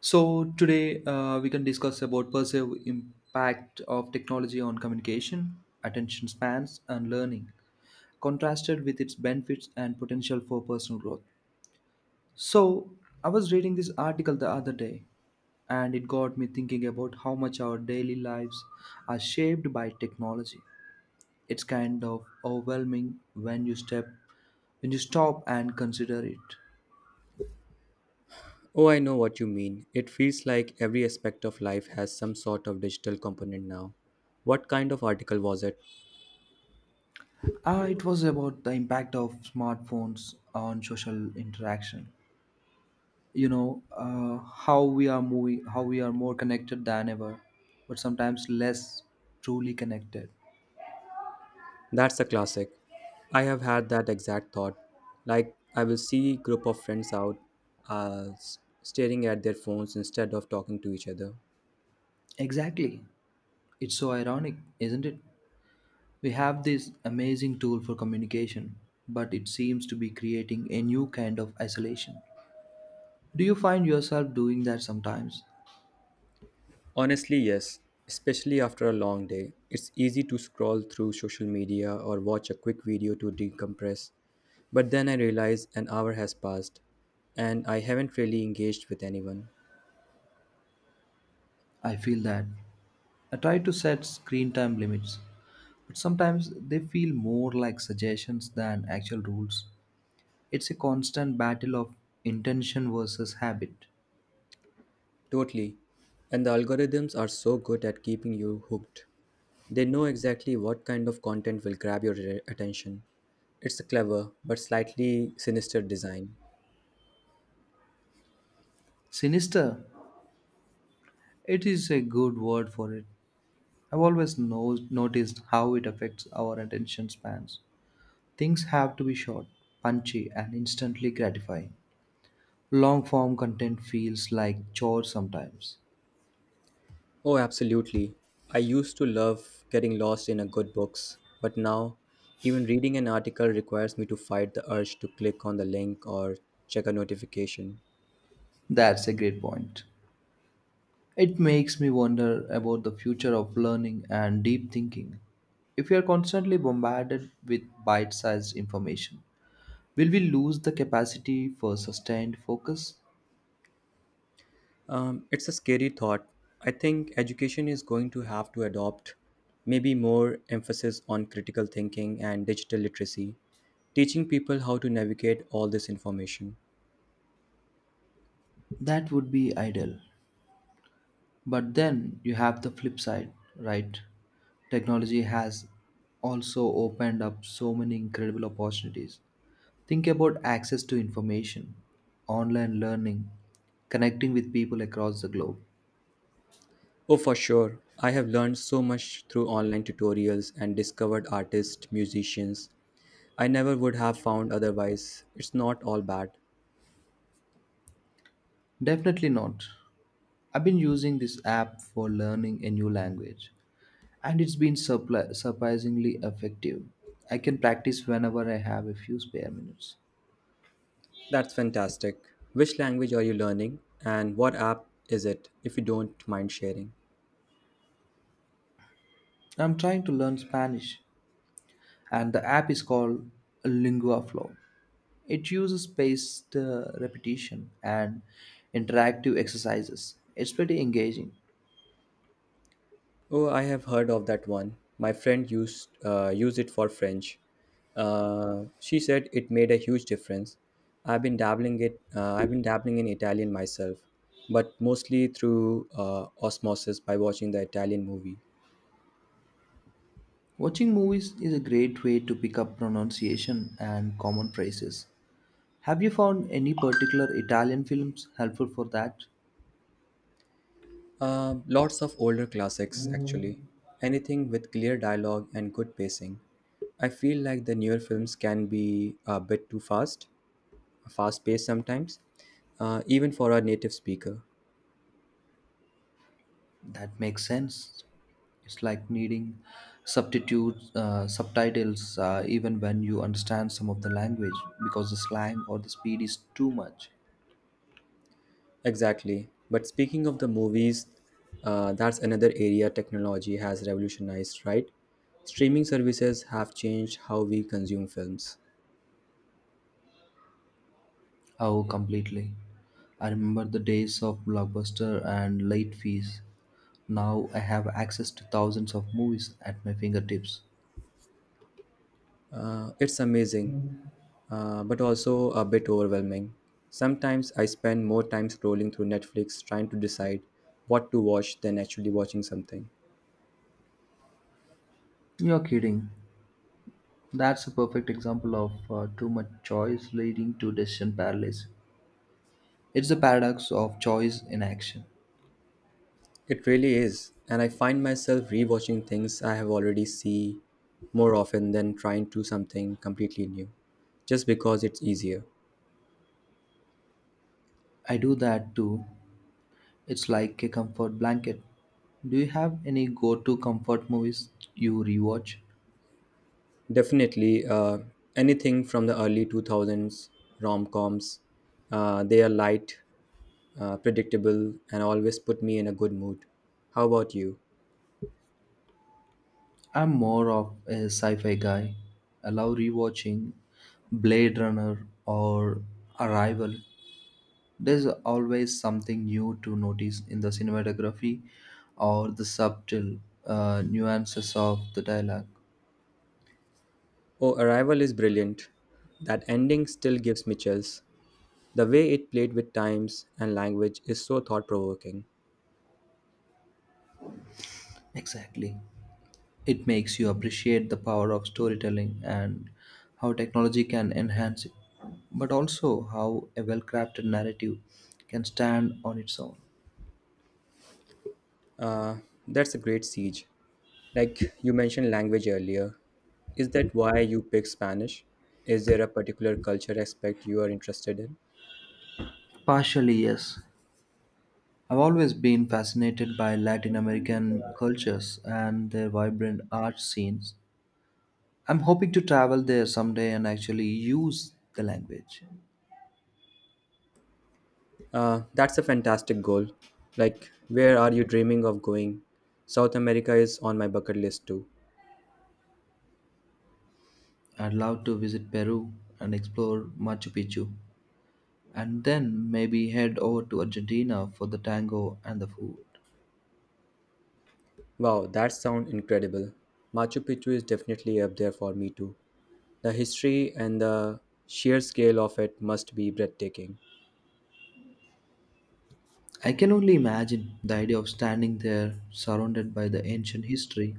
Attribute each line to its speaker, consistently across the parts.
Speaker 1: So today we can discuss about perceived impact of technology on communication, attention spans, and learning, contrasted with its benefits and potential for personal growth. So I was reading this article the other day, and it got me thinking about how much our daily lives are shaped by technology. It's kind of overwhelming when you stop and consider it.
Speaker 2: Oh, I know what you mean. It feels like every aspect of life has some sort of digital component now. What kind of article was it?
Speaker 1: It was about the impact of smartphones on social interaction, how we are more connected than ever but sometimes less truly connected.
Speaker 2: That's a classic. I have had that exact thought. Like I will see group of friends out staring at their phones instead of talking to each other.
Speaker 1: Exactly, it's so ironic, isn't it? We have this amazing tool for communication, but it seems to be creating a new kind of isolation. Do you find yourself doing that sometimes?
Speaker 2: Honestly, yes, especially after a long day. It's easy to scroll through social media or watch a quick video to decompress. But then I realize an hour has passed and I haven't really engaged with anyone.
Speaker 1: I feel that. I try to set screen time limits, but sometimes they feel more like suggestions than actual rules. It's a constant battle of intention versus habit.
Speaker 2: Totally. And the algorithms are so good at keeping you hooked. They know exactly what kind of content will grab your attention. It's a clever but slightly sinister design.
Speaker 1: Sinister, it is a good word for it. I've always noticed how it affects our attention spans. Things have to be short, punchy, and instantly gratifying. Long form content feels like chore sometimes.
Speaker 2: Oh, absolutely. I used to love getting lost in a good books, but now even reading an article requires me to fight the urge to click on the link or check a notification.
Speaker 1: That's a great point. It makes me wonder about the future of learning and deep thinking. If we are constantly bombarded with bite sized information, will we lose the capacity for sustained focus?
Speaker 2: It's a scary thought. I think education is going to have to adopt maybe more emphasis on critical thinking and digital literacy, teaching people how to navigate all this information.
Speaker 1: That would be ideal. But then you have the flip side, right? Technology has also opened up so many incredible opportunities. Think about access to information, online learning, connecting with people across the globe.
Speaker 2: Oh, for sure. I have learned so much through online tutorials and discovered artists, musicians I never would have found otherwise. It's not all bad.
Speaker 1: Definitely not. I've been using this app for learning a new language, and it's been surprisingly effective. I can practice whenever I have a few spare minutes.
Speaker 2: That's fantastic. Which language are you learning and what app is it if you don't mind sharing?
Speaker 1: I'm trying to learn Spanish, and the app is called LinguaFlow. It uses spaced repetition and interactive exercises. It's pretty engaging.
Speaker 2: Oh, I have heard of that one. My friend use it for French. She said it made a huge difference. I've been dabbling it. I've been dabbling in Italian myself, but mostly through osmosis by watching the Italian movie.
Speaker 1: Watching movies is a great way to pick up pronunciation and common phrases. Have you found any particular Italian films helpful for that?
Speaker 2: Lots of older classics, actually. Anything with clear dialogue and good pacing. I feel like the newer films can be a bit too fast, fast paced sometimes, even for a native speaker.
Speaker 1: That makes sense. It's like needing subtitles, even when you understand some of the language because the slang or the speed is too much.
Speaker 2: Exactly. But speaking of the movies, that's another area technology has revolutionized, right? Streaming services have changed how we consume films.
Speaker 1: Oh, completely. I remember the days of Blockbuster and late fees. Now I have access to thousands of movies at my fingertips.
Speaker 2: It's amazing, but also a bit overwhelming. Sometimes I spend more time scrolling through Netflix trying to decide what to watch than actually watching something.
Speaker 1: You're kidding. That's a perfect example of too much choice leading to decision paralysis. It's the paradox of choice in action.
Speaker 2: It really is, and I find myself rewatching things I have already seen more often than trying to something completely new, just because it's easier.
Speaker 1: I do that too. It's like a comfort blanket. Do you have any go to comfort movies you rewatch?
Speaker 2: Definitely, anything from the early 2000s rom coms. They are light, predictable, and always put me in a good mood. How about you?
Speaker 1: I'm more of a sci fi guy. I love rewatching Blade Runner or Arrival. There's always something new to notice in the cinematography or the subtle nuances of the dialogue.
Speaker 2: Oh, Arrival is brilliant. That ending still gives me chills. The way it played with times and language is so thought provoking.
Speaker 1: Exactly. It makes you appreciate the power of storytelling and how technology can enhance it, but also how a well crafted narrative can stand on its own.
Speaker 2: Uh, that's a great siege. Like you mentioned language earlier. Is that why you pick Spanish? Is there a particular culture aspect you are interested in?
Speaker 1: Partially, yes. I've always been fascinated by Latin American cultures and their vibrant art scenes. I'm hoping to travel there someday and actually use the language.
Speaker 2: That's a fantastic goal. Like, where are you dreaming of going? South America is on my bucket list too.
Speaker 1: I'd love to visit Peru and explore Machu Picchu, and then maybe head over to Argentina for the tango and the food.
Speaker 2: Wow, that sounds incredible. Machu Picchu is definitely up there for me too. The history and the sheer scale of it must be breathtaking.
Speaker 1: I can only imagine, the idea of standing there surrounded by the ancient history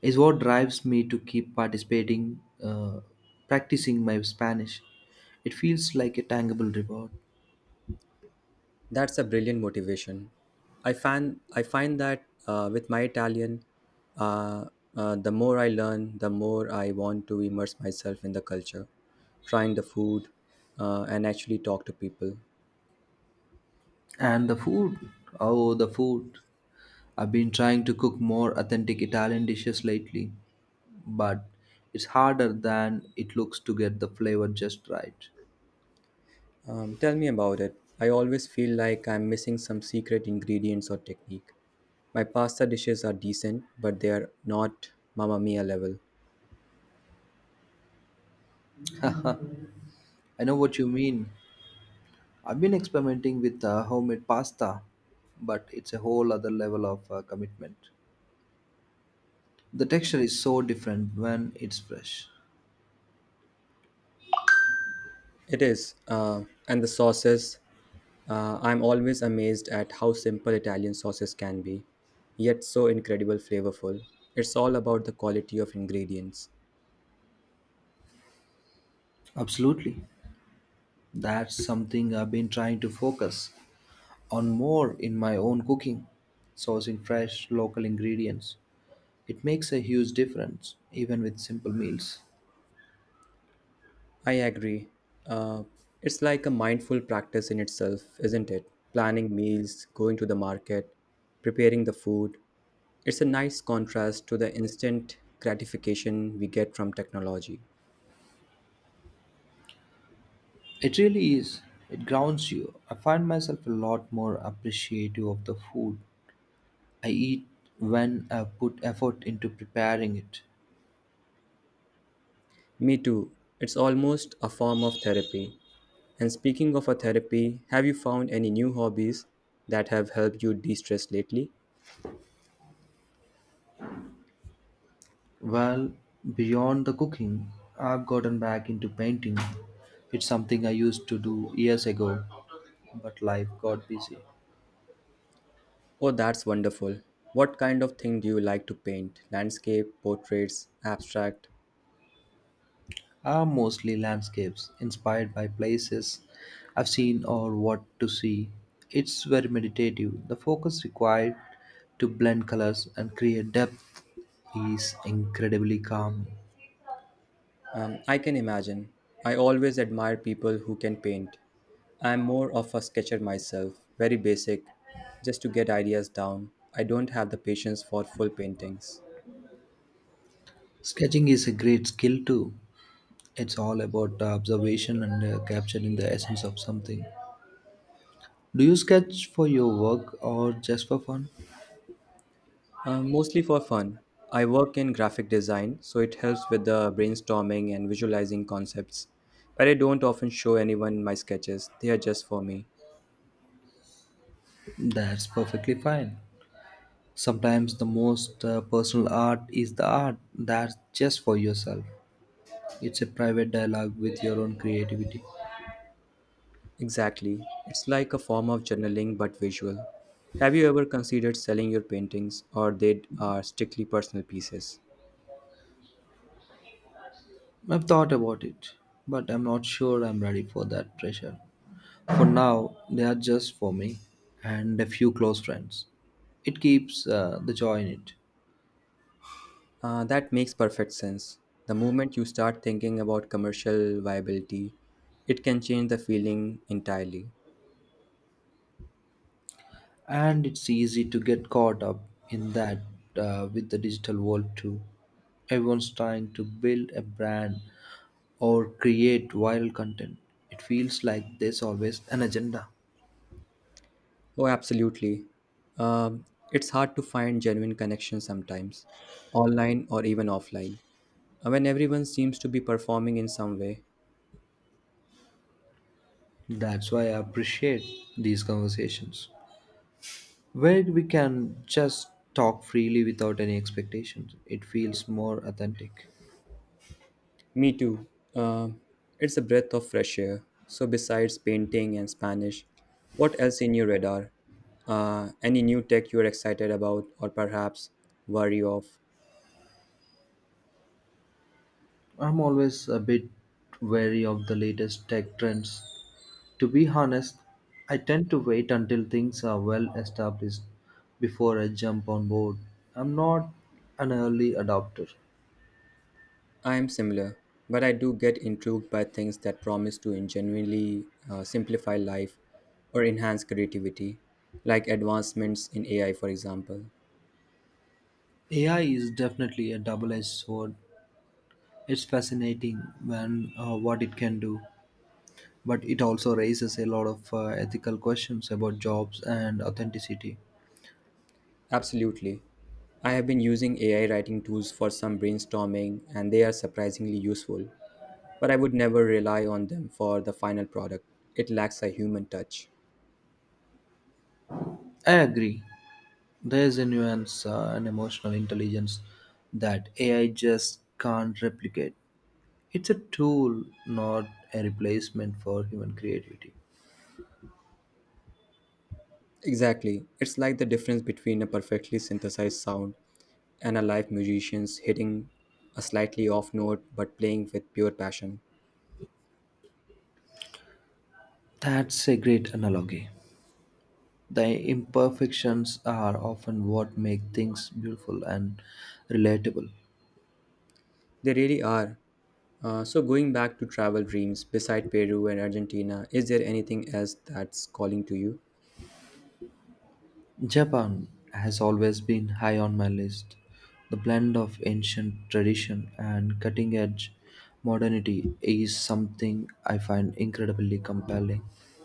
Speaker 1: is what drives me to keep practicing my Spanish. It feels like a tangible reward.
Speaker 2: That's a brilliant motivation. I find that with my Italian, uh, the more I learn, the more I want to immerse myself in the culture, trying the food, and actually talk to people.
Speaker 1: And the food, oh, the food. I've been trying to cook more authentic Italian dishes lately, but it's harder than it looks to get the flavor just right.
Speaker 2: Tell me about it. I always feel like I'm missing some secret ingredients or technique. My pasta dishes are decent, but they are not Mamma Mia level.
Speaker 1: I know what you mean. I've been experimenting with homemade pasta, but it's a whole other level of commitment. The texture is so different when it's fresh.
Speaker 2: It is, and the sauces. I'm always amazed at how simple Italian sauces can be, yet so incredible flavorful. It's all about the quality of ingredients.
Speaker 1: Absolutely. That's something I've been trying to focus on more in my own cooking, sourcing fresh local ingredients. It makes a huge difference, even with simple meals.
Speaker 2: I agree. Uh, it's like a mindful practice in itself, isn't it? Planning meals, going to the market, preparing the food. It's a nice contrast to the instant gratification we get from technology.
Speaker 1: It really is. It grounds you. I find myself a lot more appreciative of the food I eat when I put effort into preparing it.
Speaker 2: Me too. It's almost a form of therapy. And speaking of a therapy, have you found any new hobbies that have helped you de stress lately?
Speaker 1: Well, beyond the cooking, I've gotten back into painting. It's something I used to do years ago, but life got busy.
Speaker 2: Oh, that's wonderful. What kind of thing do you like to paint? Landscape, portraits, abstract?
Speaker 1: Are mostly landscapes inspired by places I've seen or what to see. It's very meditative. The focus required to blend colors and create depth is incredibly calming.
Speaker 2: I can imagine. I always admire people who can paint. I'm more of a sketcher myself, very basic, just to get ideas down. I don't have the patience for full paintings.
Speaker 1: Sketching is a great skill too. It's all about the observation and capturing the essence of something. Do you sketch for your work or just for fun?
Speaker 2: Mostly for fun. I work in graphic design, so it helps with the brainstorming and visualizing concepts. But I don't often show anyone my sketches, they are just for me.
Speaker 1: That's perfectly fine. Sometimes the most personal art is the art that's just for yourself. It's a private dialogue with your own creativity.
Speaker 2: Exactly. It's like a form of journaling but visual. Have you ever considered selling your paintings, or they are strictly personal pieces?
Speaker 1: I've thought about it, but I'm not sure I'm ready for that pressure. For now, they are just for me and a few close friends. It keeps the joy in it.
Speaker 2: That makes perfect sense. The moment you start thinking about commercial viability, it can change the feeling entirely.
Speaker 1: And it's easy to get caught up in that, with the digital world too. Everyone's trying to build a brand or create viral content. It feels like there's always an agenda.
Speaker 2: Oh, absolutely. Um, it's hard to find genuine connections sometimes, online or even offline, when everyone seems to be performing in some way.
Speaker 1: That's why I appreciate these conversations where we can just talk freely without any expectations. It feels more authentic.
Speaker 2: Me too. Um it's a breath of fresh air. So, besides painting and Spanish, what else in your radar? Any new tech you're excited about or perhaps worry of?
Speaker 1: I'm always a bit wary of the latest tech trends. To be honest, I tend to wait until things are well established before I jump on board. I'm not an early adopter.
Speaker 2: I am similar, but I do get intrigued by things that promise to genuinely simplify life or enhance creativity, like advancements in AI, for example.
Speaker 1: AI is definitely a double edged sword. It's fascinating when what it can do, but it also raises a lot of ethical questions about jobs and authenticity.
Speaker 2: Absolutely. I have been using AI writing tools for some brainstorming, and they are surprisingly useful, but I would never rely on them for the final product. It lacks a human touch.
Speaker 1: I agree. There is a nuance and emotional intelligence that AI just can't replicate. It's a tool, not a replacement for human creativity.
Speaker 2: Exactly. It's like the difference between a perfectly synthesized sound and a live musician's hitting a slightly off note but playing with pure passion.
Speaker 1: That's a great analogy. The imperfections are often what make things beautiful and relatable.
Speaker 2: They really are. So, going back to travel dreams, beside Peru and Argentina, is there anything else that's calling to you?
Speaker 1: Japan has always been high on my list. The blend of ancient tradition and cutting edge modernity is something I find incredibly compelling.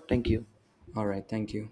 Speaker 1: Thank you.
Speaker 2: All right, thank you.